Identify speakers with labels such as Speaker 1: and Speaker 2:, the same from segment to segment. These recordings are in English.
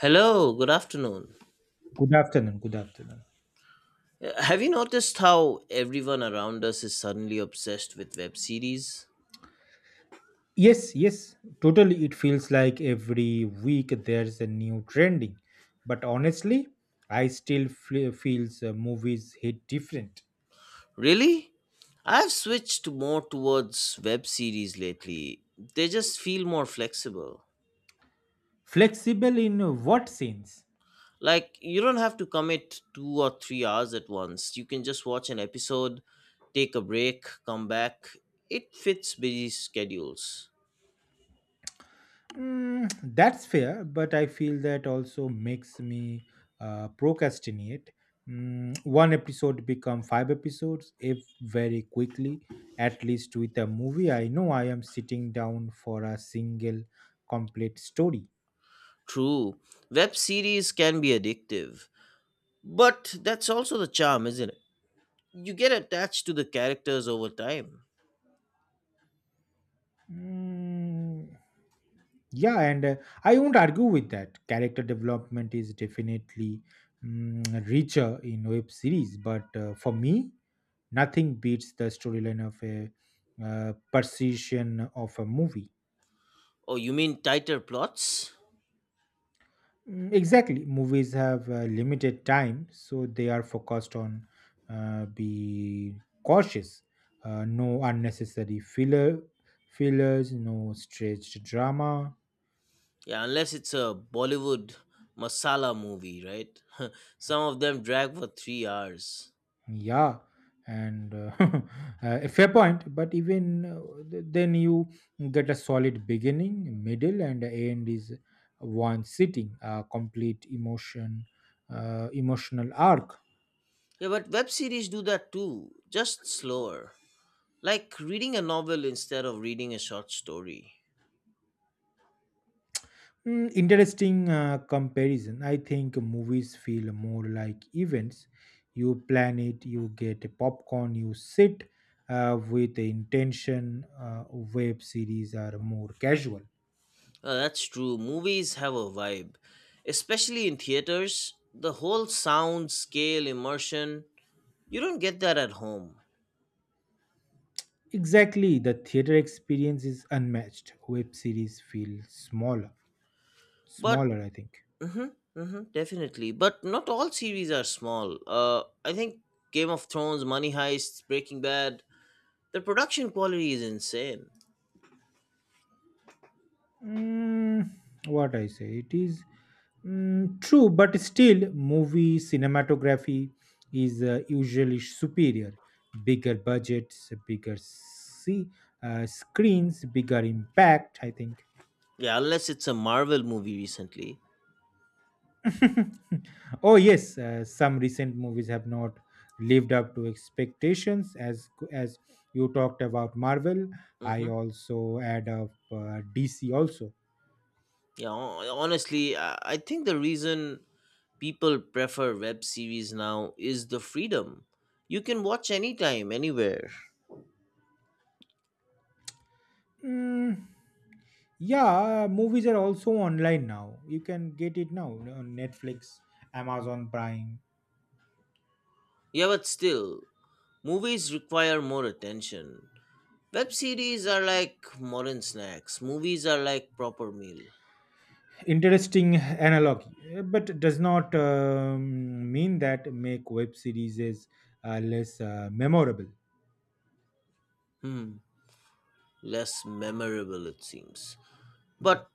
Speaker 1: Hello, good afternoon.
Speaker 2: Good afternoon. Good afternoon.
Speaker 1: Have you noticed how everyone around us is suddenly obsessed with web series?
Speaker 2: Yes, yes, totally. It feels like every week there's a new trending, but honestly, I still feel feels movies hit different.
Speaker 1: Really? I've switched more towards web series lately. They just feel more flexible.
Speaker 2: Flexible in what sense?
Speaker 1: Like, you don't have to commit 2 or 3 hours at once. You can just watch an episode, take a break, come back. It fits busy schedules.
Speaker 2: Mm, that's fair, but I feel that also makes me procrastinate. Mm, one episode become five episodes if very quickly. At least with a movie, I know I am sitting down for a single complete story.
Speaker 1: True, web series can be addictive. But that's also the charm, isn't it? You get attached to the characters over time.
Speaker 2: Mm, yeah, and I won't argue with that. Character development is definitely richer in web series, but for me, nothing beats the storyline of a precision of a movie.
Speaker 1: Oh, you mean tighter plots?
Speaker 2: Mm, exactly, movies have limited time, so they are focused on uh, be cautious, no unnecessary fillers, no stretched drama.
Speaker 1: Yeah, unless it's a Bollywood masala movie, right? Some of them drag for 3 hours.
Speaker 2: Yeah, and a fair point. But even then, you get a solid beginning, middle, and the end is one sitting, a complete emotional arc.
Speaker 1: Yeah, but web series do that too, just slower. Like reading a novel instead of reading a short story.
Speaker 2: Mm, interesting comparison. I think movies feel more like events. You plan it, you get a popcorn, you sit with the intention. Web series are more casual.
Speaker 1: That's true. Movies have a vibe, especially in theaters. The whole sound, scale, immersion, you don't get that at home.
Speaker 2: Exactly, the theater experience is unmatched. Web series feel
Speaker 1: But
Speaker 2: smaller, I think.
Speaker 1: mm-hmm, mm-hmm, definitely. But not all series are small. I think Game of Thrones, Money Heist, Breaking Bad, the production quality is insane.
Speaker 2: Mm, what I say, it is true, but still, movie cinematography is usually superior. Bigger budgets, bigger screens, bigger impact, I think.
Speaker 1: Yeah, unless it's a Marvel movie recently.
Speaker 2: Oh yes, some recent movies have not lived up to expectations. As you talked about Marvel, I
Speaker 1: Mm-hmm.
Speaker 2: also add up DC also.
Speaker 1: Yeah, honestly, I think the reason people prefer web series now is the freedom. You can watch anytime, anywhere.
Speaker 2: Mm, yeah, movies are also online now. You can get it now on Netflix, Amazon Prime.
Speaker 1: Yeah, but still, movies require more attention. Web series are like modern snacks, movies are like proper meal.
Speaker 2: Interesting analogy, but does not mean that make web series is less memorable.
Speaker 1: Hmm. Less memorable it seems, but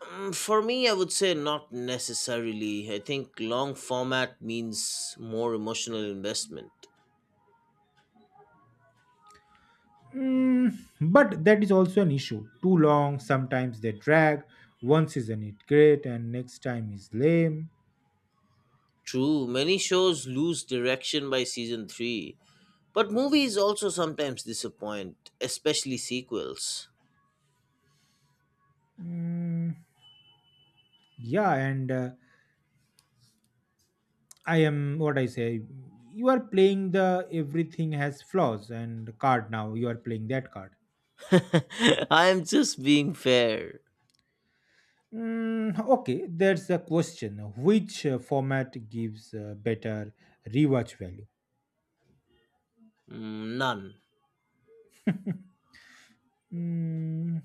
Speaker 1: for me I would say not necessarily. I think long format means more emotional investment.
Speaker 2: Mm, but that is also an issue. Too long, sometimes they drag. One season is great, and next time is lame.
Speaker 1: True, many shows lose direction by season 3, but movies also sometimes disappoint, especially sequels.
Speaker 2: Mm, yeah, and I am what I say. You are playing the everything has flaws and card now. You are playing that card.
Speaker 1: I'm just being fair.
Speaker 2: Mm, okay, there's a question. Which format gives better rewatch value?
Speaker 1: Mm, none.
Speaker 2: Mm,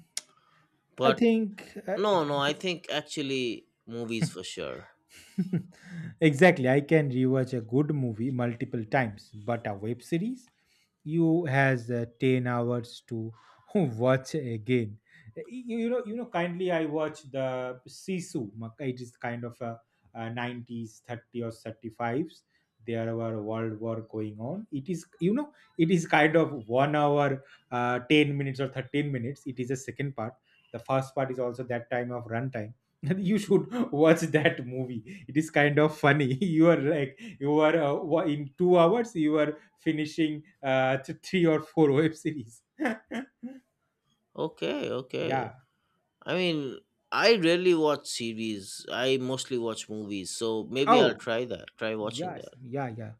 Speaker 2: I
Speaker 1: But
Speaker 2: think
Speaker 1: no, no, I think actually movies for sure.
Speaker 2: exactly. I can rewatch a good movie multiple times, but a web series you has 10 hours to watch again. You know. Kindly, I watch the Sisu. It is kind of a '90s, 30 or 35s. There were world war going on. It is, you know, it is kind of 1 hour, 10 minutes or 13 minutes. It is a second part. The first part is also that time of runtime. You should watch that movie. It is kind of funny. You are like, you are in 2 hours you are finishing three or four web series.
Speaker 1: Okay, okay.
Speaker 2: Yeah.
Speaker 1: I mean, I rarely watch series. I mostly watch movies, so maybe I'll
Speaker 2: Oh
Speaker 1: try that. Try watching
Speaker 2: yes,
Speaker 1: that.
Speaker 2: yeah, yeah,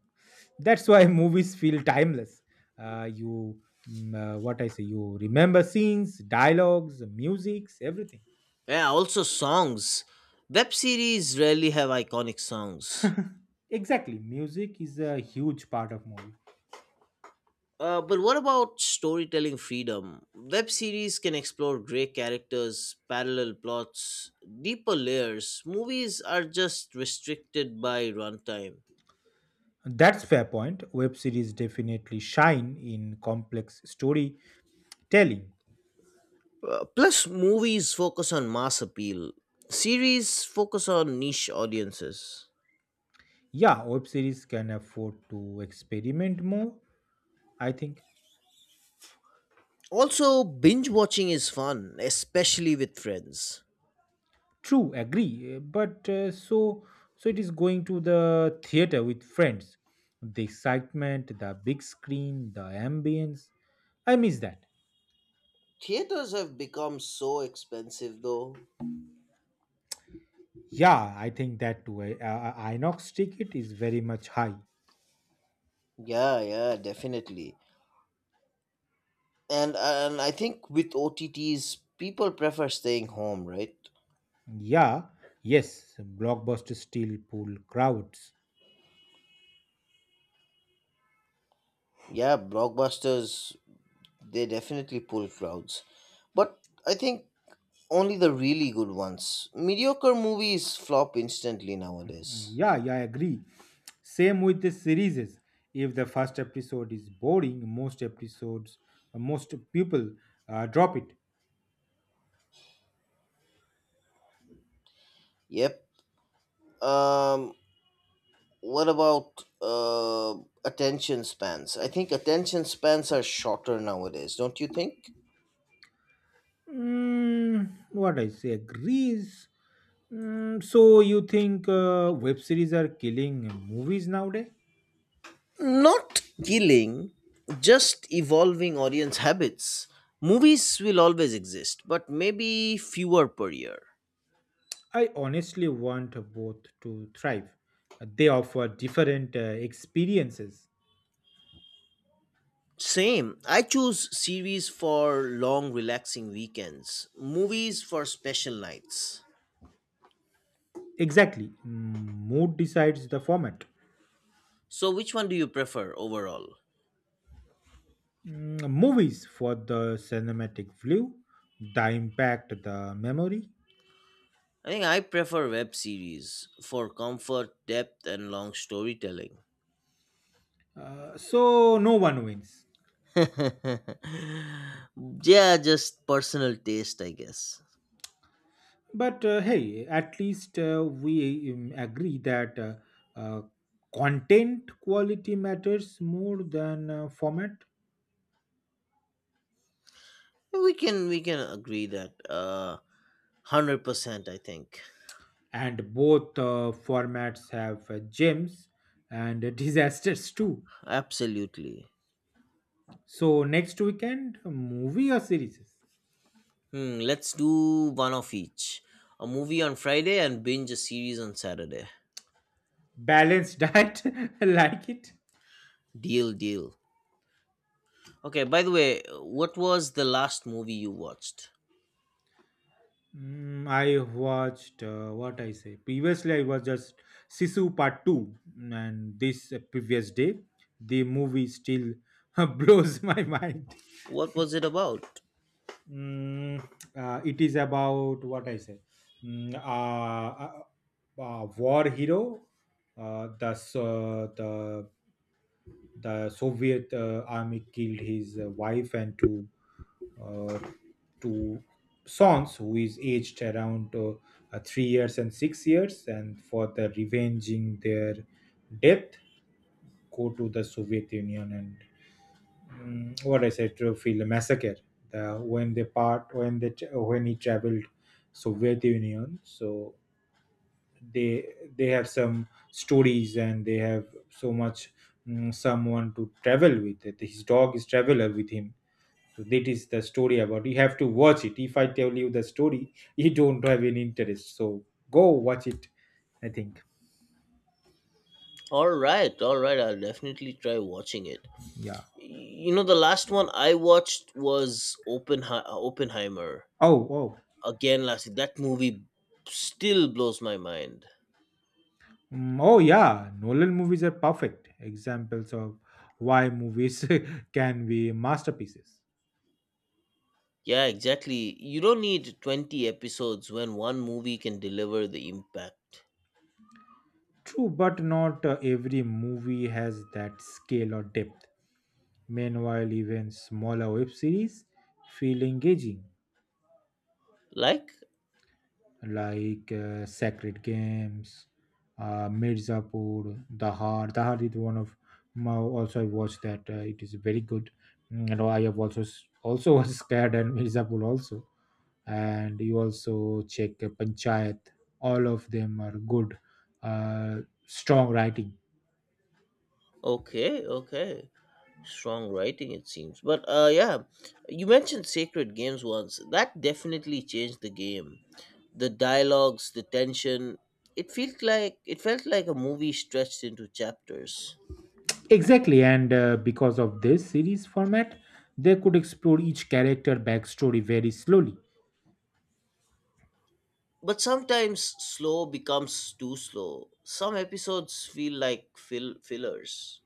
Speaker 2: that's why movies feel timeless. uh, you what I say, you remember scenes, dialogues, musics, everything.
Speaker 1: Yeah, also songs. Web series rarely have iconic songs.
Speaker 2: Exactly, music is a huge part of movie.
Speaker 1: But what about storytelling freedom? Web series can explore great characters, parallel plots, deeper layers. Movies are just restricted by runtime.
Speaker 2: That's fair point, web series definitely shine in complex storytelling.
Speaker 1: Plus, movies focus on mass appeal. Series focus on niche audiences.
Speaker 2: Yeah, web series can afford to experiment more, I think.
Speaker 1: Also, binge watching is fun, especially with friends.
Speaker 2: True, agree. But so it is going to the theater with friends. The excitement, the big screen, the ambience. I miss that.
Speaker 1: Theaters have become so expensive though.
Speaker 2: Yeah, I think that too. Inox ticket is very much high.
Speaker 1: Yeah, yeah, definitely. And I think with OTTs people prefer staying home, right?
Speaker 2: Yeah, yes, blockbusters still pull crowds.
Speaker 1: Yeah, blockbusters, they definitely pull crowds. But I think only the really good ones. Mediocre movies flop instantly nowadays.
Speaker 2: Yeah, yeah, I agree. Same with the series. If the first episode is boring, most people drop it.
Speaker 1: Yep. Um, what about attention spans? I think attention spans are shorter nowadays, don't you think?
Speaker 2: Mm, what I say agrees. Mm, so you think web series are killing movies nowadays?
Speaker 1: Not killing, just evolving audience habits. Movies will always exist, but maybe fewer per year.
Speaker 2: I honestly want both to thrive. They offer different experiences.
Speaker 1: Same. I choose series for long, relaxing weekends, movies for special nights.
Speaker 2: Exactly. Mm, mood decides the format.
Speaker 1: So, which one do you prefer overall?
Speaker 2: Mm, movies for the cinematic view, the impact, the memory.
Speaker 1: I think I prefer web series for comfort, depth, and long storytelling.
Speaker 2: So no one wins.
Speaker 1: Yeah, just personal taste, I guess.
Speaker 2: But hey, at least we agree that uh, content quality matters more than format,
Speaker 1: We can agree that 100%. I think
Speaker 2: and both formats have gems and disasters too.
Speaker 1: absolutely.
Speaker 2: So next weekend, movie or series?
Speaker 1: Hmm, let's do one of each. A movie on Friday and binge a series on Saturday.
Speaker 2: Balanced diet, like it.
Speaker 1: Deal, deal. Okay. By the way, what was the last movie you watched?
Speaker 2: Mm, I watched what I say. Previously, I was just Sisu Part Two, mm, and this previous day, the movie still blows my mind.
Speaker 1: What was it about?
Speaker 2: Mm, it is about what I say. Mm, uh, uh, War hero, the so the Soviet army killed his wife and uh, two sons, who is aged around 3 years and 6 years. And for the revenging their death, go to the Soviet Union and what I said to feel a massacre. The, when they part when they tra- When he traveled Soviet Union, so they they have some stories and they have so much, someone to travel with his dog is traveler with him. So that is the story about. You have to watch it. If I tell you the story, you don't have any interest, so go watch it, I think.
Speaker 1: All right, all right. I'll definitely try watching it.
Speaker 2: Yeah.
Speaker 1: You know, the last one I watched was Oppenheimer.
Speaker 2: Oh, oh.
Speaker 1: Again, Lassie, that movie still blows my mind.
Speaker 2: Mm, oh yeah, Nolan movies are perfect examples of why movies can be masterpieces.
Speaker 1: Yeah, exactly. You don't need 20 episodes when one movie can deliver the impact.
Speaker 2: True, but not every movie has that scale or depth. Meanwhile, even smaller web series feel engaging,
Speaker 1: Like,
Speaker 2: like Sacred Games, Mirzapur, Dahar. Dahar is one of my also I watched that. It is very good. Mm, you know, I have also was scared and Mirzapur also. And you also check Panchayat. All of them are good, uh, strong writing.
Speaker 1: okay, okay. Strong writing, it seems. But yeah, you mentioned Sacred Games once. That definitely changed the game. The dialogues, the tension. It felt like a movie stretched into chapters.
Speaker 2: Exactly, and because of this series format, they could explore each character backstory very slowly.
Speaker 1: But sometimes slow becomes too slow. Some episodes feel like fillers.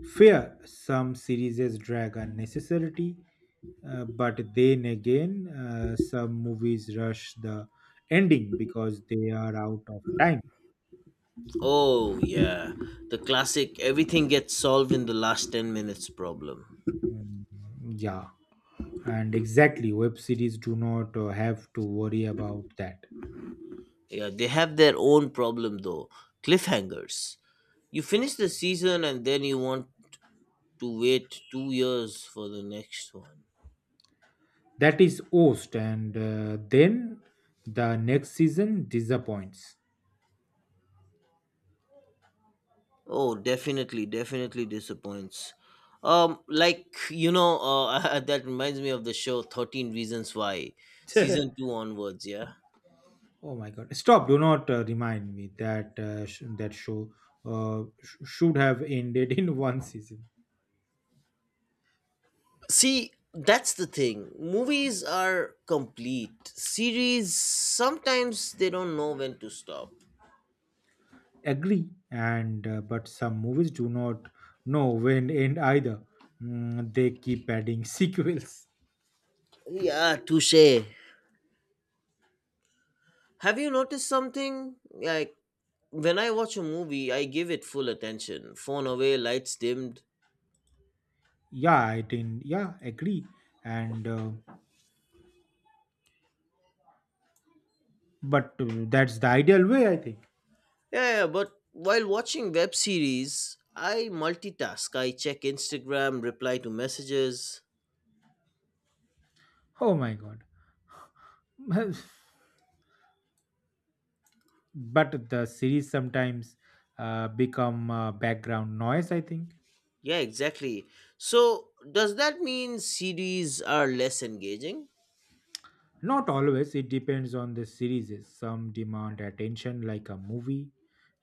Speaker 2: Fair, some series drag unnecessarily, but then again, some movies rush the ending because they are out of time.
Speaker 1: Oh, yeah. The classic everything gets solved in the last 10 minutes problem.
Speaker 2: Mm, yeah, and exactly, web series do not have to worry about that.
Speaker 1: Yeah, they have their own problem though, cliffhangers. You finish the season and then you want to wait 2 years for the next one.
Speaker 2: That is host, and then the next season disappoints.
Speaker 1: Oh, definitely, definitely disappoints. That reminds me of the show 13 Reasons Why, season two onwards. Yeah.
Speaker 2: Oh my God! Stop! Do not remind me that that show should have ended in one season.
Speaker 1: See, that's the thing. Movies are complete. Series sometimes they don't know when to stop.
Speaker 2: Agree, and but some movies do not know when end either. Mm, they keep adding sequels.
Speaker 1: Yeah, touche. Have you noticed something? Like when I watch a movie, I give it full attention. Phone away, lights dimmed.
Speaker 2: Yeah, I think. Yeah, agree. And but that's the ideal way, I think.
Speaker 1: Yeah, yeah, but while watching web series, I multitask. I check Instagram, reply to messages.
Speaker 2: Oh my God! But the series sometimes become background noise, I think.
Speaker 1: Yeah, exactly. So, does that mean series are less engaging?
Speaker 2: Not always, it depends on the series. Some demand attention, like a movie,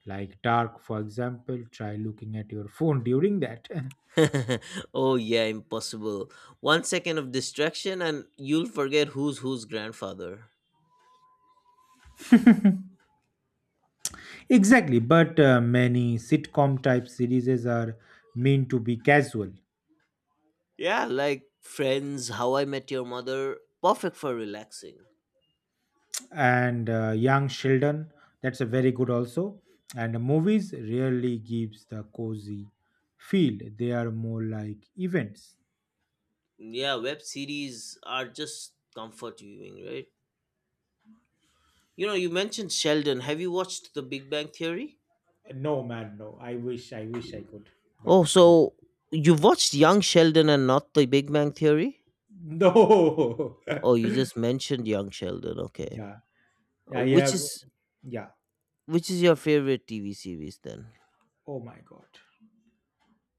Speaker 2: like Dark, for example. Try looking at your phone during that.
Speaker 1: Oh, yeah, impossible. 1 second of distraction and you'll forget who's whose grandfather.
Speaker 2: Exactly, but many sitcom type series are meant to be casual.
Speaker 1: Yeah, like Friends, How I Met Your Mother, perfect for relaxing.
Speaker 2: And young children, that's a very good also. And movies rarely gives the cozy feel. They are more like events.
Speaker 1: Yeah, web series are just comfort viewing, right? You know, you mentioned Sheldon. Have you watched The Big Bang Theory?
Speaker 2: No, man, no. I wish, I wish I could,
Speaker 1: Oh,
Speaker 2: but no.
Speaker 1: so you've watched Young Sheldon and not The Big Bang Theory?
Speaker 2: No.
Speaker 1: Oh, you just mentioned Young Sheldon. Okay.
Speaker 2: Yeah, I
Speaker 1: Which
Speaker 2: have.
Speaker 1: is
Speaker 2: Yeah.
Speaker 1: your favorite TV series then?
Speaker 2: Oh my God.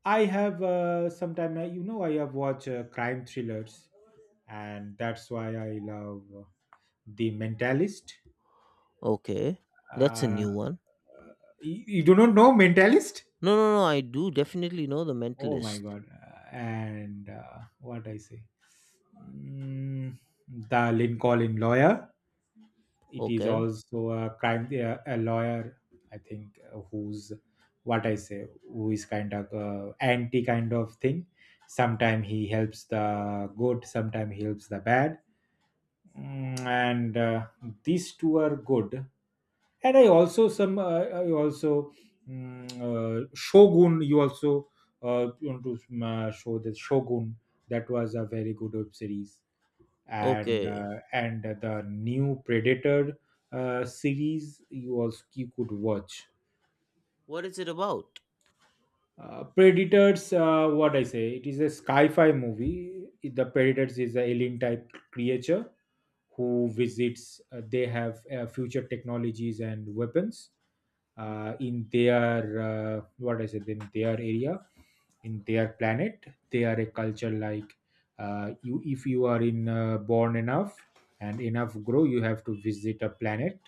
Speaker 2: I have. Sometime I, you know, I have watched crime thrillers, and that's why I love The Mentalist.
Speaker 1: Okay. That's a
Speaker 2: Uh,
Speaker 1: new one.
Speaker 2: you, you do not know Mentalist?
Speaker 1: No, no, no. I do definitely know The
Speaker 2: Oh my
Speaker 1: Mentalist.
Speaker 2: God. And what I say? Mm, the Lincoln Lawyer. It is
Speaker 1: Okay.
Speaker 2: also a lawyer, I think, who's what I say who is kind of anti kind of thing. Sometime he helps the good, sometime he helps the bad. Mm, and these two are good. And I also some I also mm, Shogun, you also want to show the Shogun. That was a very good web series. and
Speaker 1: Okay.
Speaker 2: uh, and the new Predator series, you also you could watch.
Speaker 1: What is it about?
Speaker 2: Uh, Predators, what I say it is a sci-fi movie. The Predators is a alien type creature who visits. They have future technologies and weapons in their what I it in their area, in their planet. They are a culture like, you, if you are in born enough and enough grow, you have to visit a planet.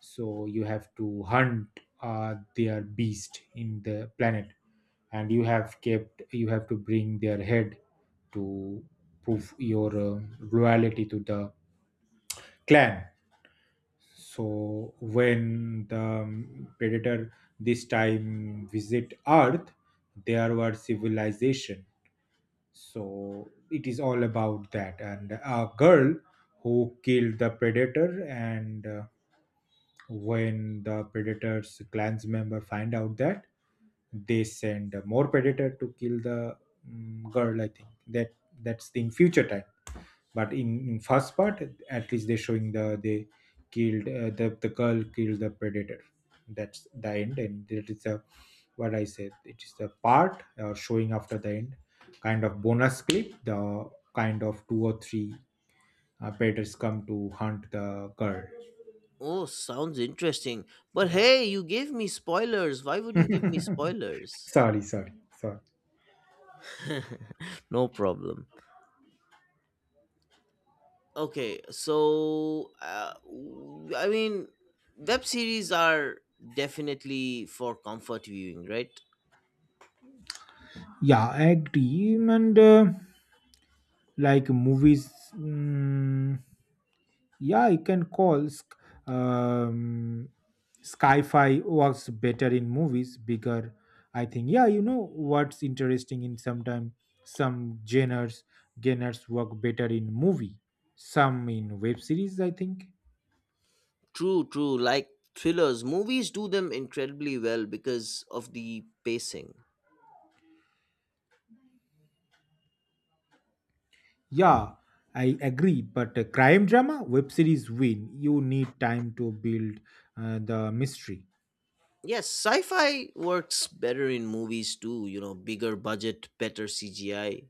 Speaker 2: So you have to hunt their beast in the planet, and you have kept you have to bring their head to prove your loyalty to the clan. So when the predator this time visit Earth, there were civilization. So it is all about that, and a girl who killed the predator. And when the predator's clans member find out that, they send more predator to kill the girl, I think. That, that's in future time, but in first part, at least they're showing the they killed the girl killed the predator. That's the end. And it is a, what I said, it is the part showing after the end, kind of bonus clip. The kind of two or three predators come to hunt the girl.
Speaker 1: Oh, sounds interesting. But
Speaker 2: Yeah.
Speaker 1: hey, you gave me spoilers. Why would you give me spoilers?
Speaker 2: Sorry, sorry, sorry.
Speaker 1: No problem. I mean, web series are definitely for comfort viewing, right?
Speaker 2: Yeah, I agree, and like movies. Mm, yeah, you can call sk- um sci-fi works better in movies, bigger, I think. Yeah, you know what's interesting? In sometime some genres work better in movie, some in web series, I think.
Speaker 1: True, true. Like thrillers, movies do them incredibly well because of the pacing.
Speaker 2: Yeah, I agree, but a crime drama web series win, you need time to build the mystery.
Speaker 1: Yes, sci-fi works better in movies too. You know, bigger budget, better CGI.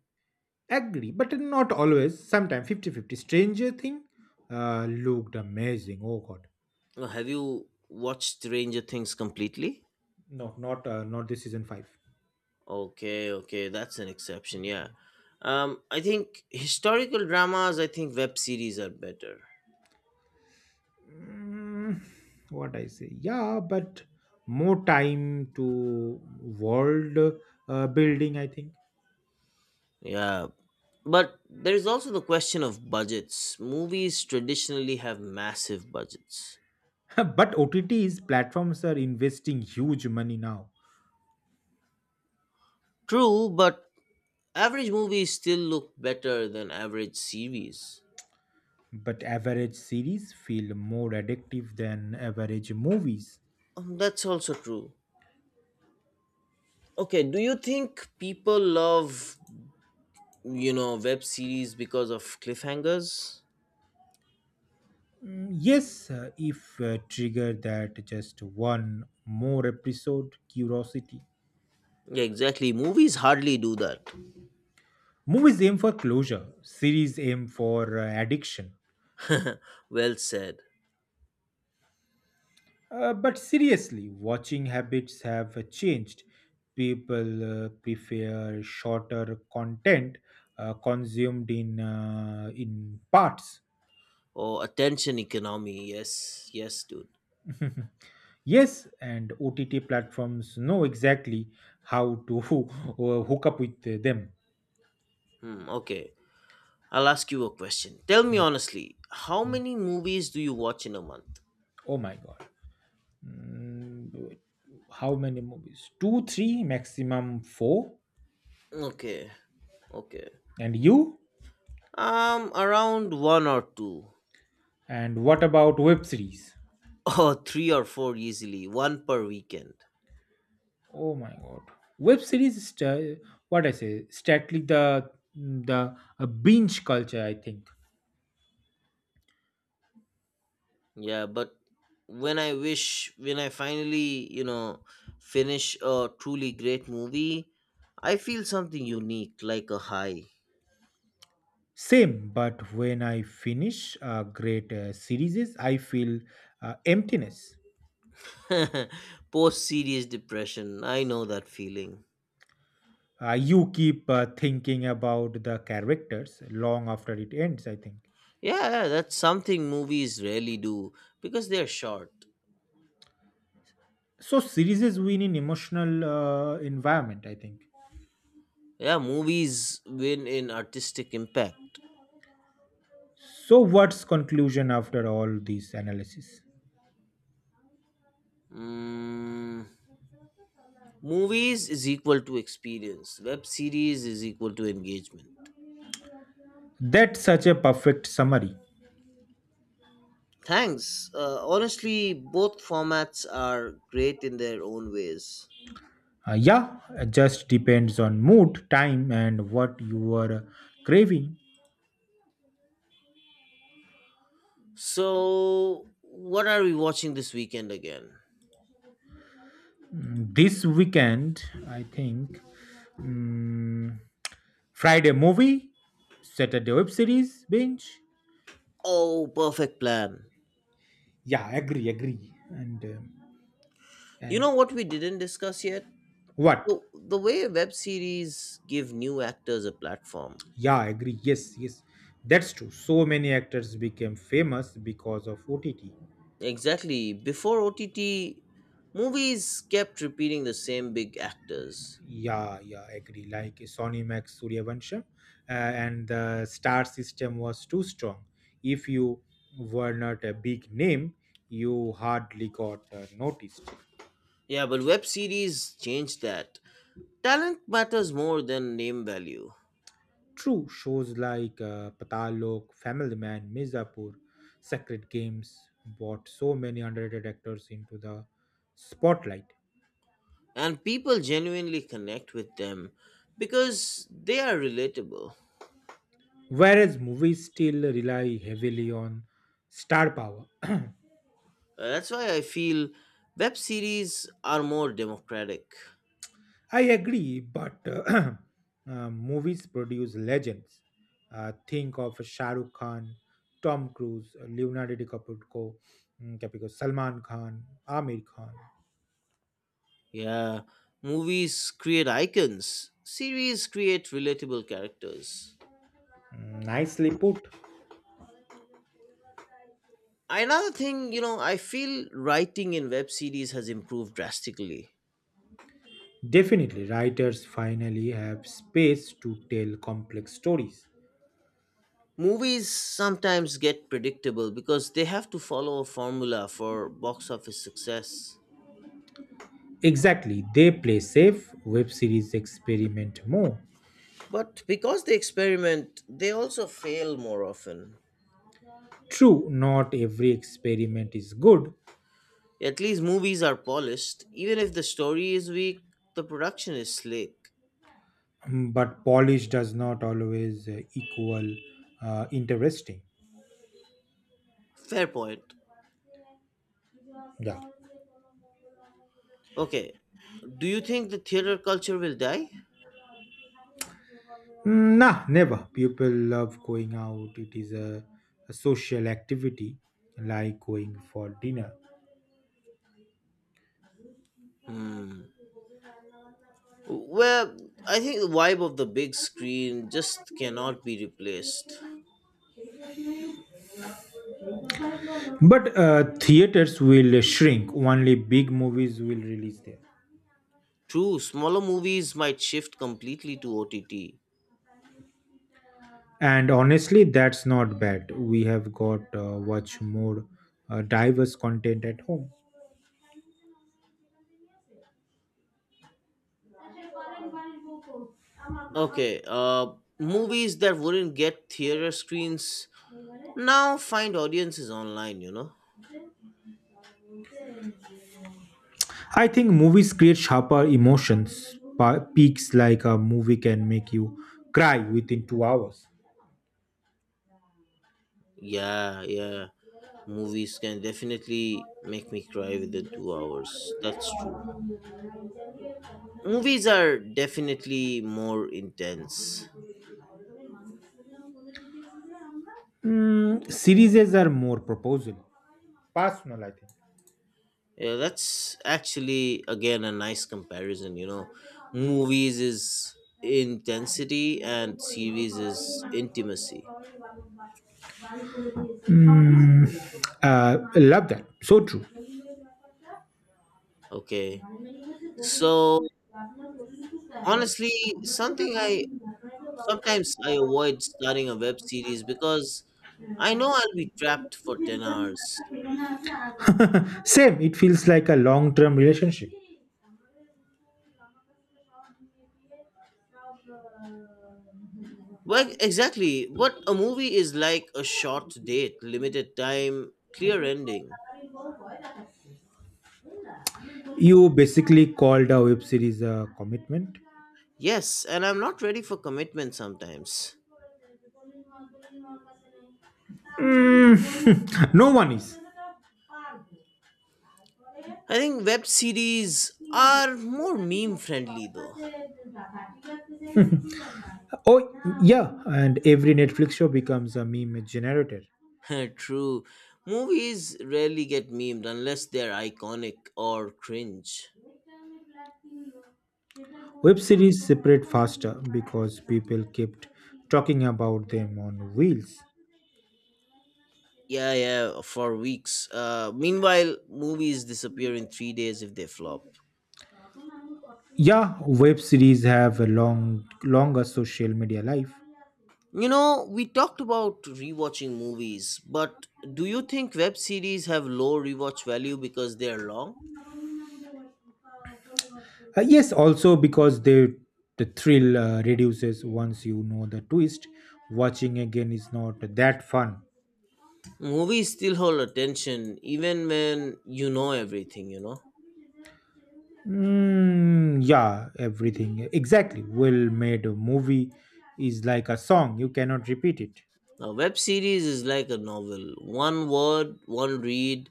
Speaker 2: Agree, but not Always, sometimes fifty-fifty. Stranger Thing looked amazing. Oh god.
Speaker 1: Have you watched Stranger Things completely?
Speaker 2: No, not this season 5.
Speaker 1: Okay, okay, that's an exception. Yeah, I think historical dramas. I think web series are better.
Speaker 2: Mm, what I say? Yeah, but more time to world building, I think.
Speaker 1: Yeah, but there is also the question of budgets. Movies traditionally have massive budgets.
Speaker 2: But OTTs platforms are investing huge money now.
Speaker 1: True, but average movies still look better than average series.
Speaker 2: But average series feel more addictive than average movies.
Speaker 1: That's also true. Okay, do you think people love, you know, web series because of cliffhangers?
Speaker 2: Yes, if trigger that just one more episode curiosity.
Speaker 1: Yeah, exactly. Movies hardly do that.
Speaker 2: Movies aim for closure. Series aim for addiction.
Speaker 1: Well said.
Speaker 2: But seriously, watching habits have changed. People prefer shorter content consumed in parts.
Speaker 1: Oh, attention economy. Yes, yes, dude.
Speaker 2: Yes, and OTT platforms know exactly how to hook up with them.
Speaker 1: Hmm, okay. I'll ask you a question. Tell me honestly, how
Speaker 2: Mhm.
Speaker 1: many movies do you watch in a month?
Speaker 2: Oh my god! Mm, how many movies? 2, 3, maximum 4.
Speaker 1: Okay, okay.
Speaker 2: And you?
Speaker 1: Around one or two.
Speaker 2: And what about web series?
Speaker 1: Or three or four easily, one per weekend.
Speaker 2: Oh my god. Web series st- what I say, statly the a binge culture, I think.
Speaker 1: Yeah, but when I wish, when I finally, you know, finish a truly great movie, I feel something unique, like a high.
Speaker 2: Same, but when I finish great series, I feel emptiness.
Speaker 1: Post serious depression, I know that feeling.
Speaker 2: You keep thinking about the characters long after it ends, I think.
Speaker 1: Yeah, yeah, that's something movies rarely do because they're short.
Speaker 2: So series win in emotional environment, I think.
Speaker 1: Yeah, movies win in artistic impact.
Speaker 2: So what's conclusion after all these analysis?
Speaker 1: Mm, movies is equal to experience. Web series is equal to engagement.
Speaker 2: That's such a perfect summary.
Speaker 1: Thanks. Honestly, both formats are great in their own ways.
Speaker 2: Yeah, it just depends on mood, time, and what you are craving.
Speaker 1: So, what are we watching this weekend again?
Speaker 2: This weekend, I think, mm, Friday movie, Saturday web series binge.
Speaker 1: Oh, perfect plan.
Speaker 2: Yeah, agree, agree. And um,
Speaker 1: You
Speaker 2: and
Speaker 1: know what we didn't discuss yet?
Speaker 2: what?
Speaker 1: The way web series give new actors a platform.
Speaker 2: Yeah, agree. Yes, yes, that's true. So many actors became famous because of OTT.
Speaker 1: Exactly. Before OTT, movies kept repeating the same big actors.
Speaker 2: Yeah, yeah, agree. Like Sony Max Suryavansham, and the star system was too strong. If you were not a big name, you hardly got noticed.
Speaker 1: Yeah, but web series changed that. Talent matters more than name value,
Speaker 2: True, shows like Patalok, Family Man, Mizapur, Sacred Games brought so many underrated actors into the spotlight.
Speaker 1: and people genuinely connect with them because they are relatable.
Speaker 2: Whereas movies still rely heavily on star power.
Speaker 1: That's why I feel web series are more democratic.
Speaker 2: I agree, but movies produce legends. Think of Shah Rukh Khan, Tom Cruise, Leonardo DiCaprio, Caprio, Salman Khan, Amir Khan.
Speaker 1: Yeah, movies create icons, series create relatable characters.
Speaker 2: Nicely put.
Speaker 1: Another thing, you know, I feel writing in web series has improved drastically.
Speaker 2: Definitely, writers finally have space to tell complex stories.
Speaker 1: Movies sometimes get predictable because they have to follow a formula for box office success.
Speaker 2: Exactly, they play safe, web series experiment more.
Speaker 1: But because they experiment, they also fail more often.
Speaker 2: True, not every experiment is good.
Speaker 1: At least movies are polished. Even if the story is weak, the production is slick.
Speaker 2: But polish does not always equal interesting.
Speaker 1: Fair point.
Speaker 2: Yeah.
Speaker 1: Okay, do you think the theater culture will die?
Speaker 2: Nah, never, people love going out, it is a social activity, like going for dinner.
Speaker 1: Hmm. Well, I think the vibe of the big screen just cannot be replaced.
Speaker 2: But theaters will shrink, only big movies will release there.
Speaker 1: True, smaller movies might shift completely to OTT.
Speaker 2: And honestly, that's not bad, we have got much more diverse content at home.
Speaker 1: Okay, movies that wouldn't get theater screens now find audiences online, you know?
Speaker 2: I think movies create sharper emotions, peaks, like a movie can make you cry within 2 hours.
Speaker 1: Yeah, yeah. Movies can definitely make me cry within 2 hours. That's true. Movies are definitely more intense.
Speaker 2: Series are more proposal, personal, I think.
Speaker 1: Yeah, that's actually again a nice comparison. You know, movies is intensity and series is intimacy.
Speaker 2: Mm, Love that. So true.
Speaker 1: Okay, so honestly, something I sometimes I avoid starting a web series because I know I'll be trapped for 10 hours.
Speaker 2: Same. It feels like a long term relationship.
Speaker 1: Well, exactly. What a movie is like a short date, limited time, clear ending.
Speaker 2: You basically called a web series a commitment.
Speaker 1: Yes, and I'm not ready for commitment sometimes.
Speaker 2: No one is.
Speaker 1: I think web series are more meme friendly though.
Speaker 2: Oh, yeah, and every Netflix show becomes a meme generator.
Speaker 1: True. Movies rarely get memed unless they're iconic or cringe.
Speaker 2: Web series separate faster because people kept talking about them on wheels.
Speaker 1: Yeah, yeah, for weeks. Meanwhile, movies disappear in 3 days if they flop.
Speaker 2: Yeah, web series have a longer social media life.
Speaker 1: You know, we talked about rewatching movies, but do you think web series have low rewatch value because they're long?
Speaker 2: Yes, also because they the thrill reduces once you know the twist. Watching again is not that fun.
Speaker 1: Movies still hold attention even when you know everything, you know?
Speaker 2: Yeah, everything exactly. Well made movie is like a song; you cannot repeat it.
Speaker 1: Now, web series is like a novel. One word, one read,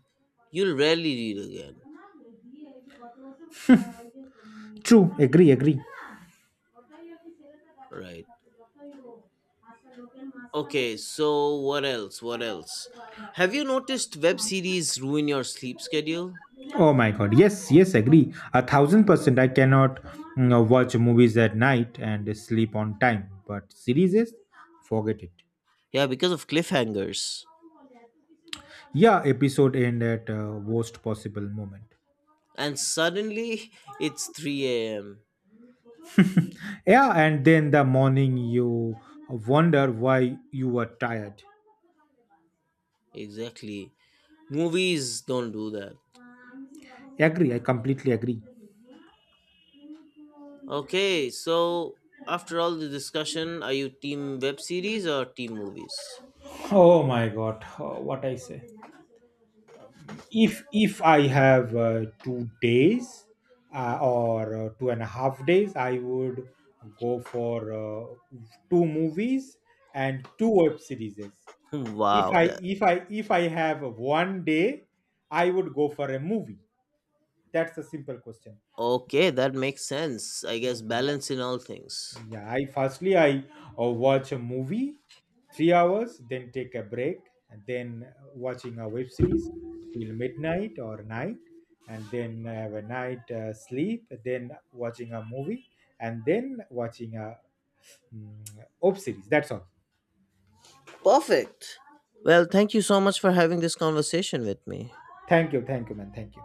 Speaker 1: you'll rarely read again.
Speaker 2: True, agree, agree.
Speaker 1: Right. Okay, so what else? What else? Have you noticed web series ruin your sleep schedule?
Speaker 2: Oh my god. Yes, yes, agree. 1,000%. I cannot watch movies at night and sleep on time. But series, forget it.
Speaker 1: Yeah, because of cliffhangers.
Speaker 2: Yeah, episode end at worst possible moment.
Speaker 1: And suddenly it's 3 a.m.
Speaker 2: Yeah, and then the morning you wonder why you were tired.
Speaker 1: Exactly. Movies don't do that.
Speaker 2: Agree, I completely agree.
Speaker 1: Okay, so after all the discussion, are you team web series or team movies?
Speaker 2: Oh my god, oh, what I say. If I have 2 days or 2.5 days, I would go for two movies and two web series. if
Speaker 1: Wow,
Speaker 2: i
Speaker 1: that
Speaker 2: if i if i have one day, I would go for a movie. That's a simple question.
Speaker 1: okay, that makes sense. I guess
Speaker 2: Yeah,
Speaker 1: balance in all things.
Speaker 2: yeah, I firstly I watch a movie 3 hours, then take a break, and then watching a web series till midnight or night, and then have a night sleep, then watching a movie, and then watching a web series, that's all.
Speaker 1: Perfect. Well, thank you so much for having this conversation with me.
Speaker 2: Thank you, thank you, man, thank you.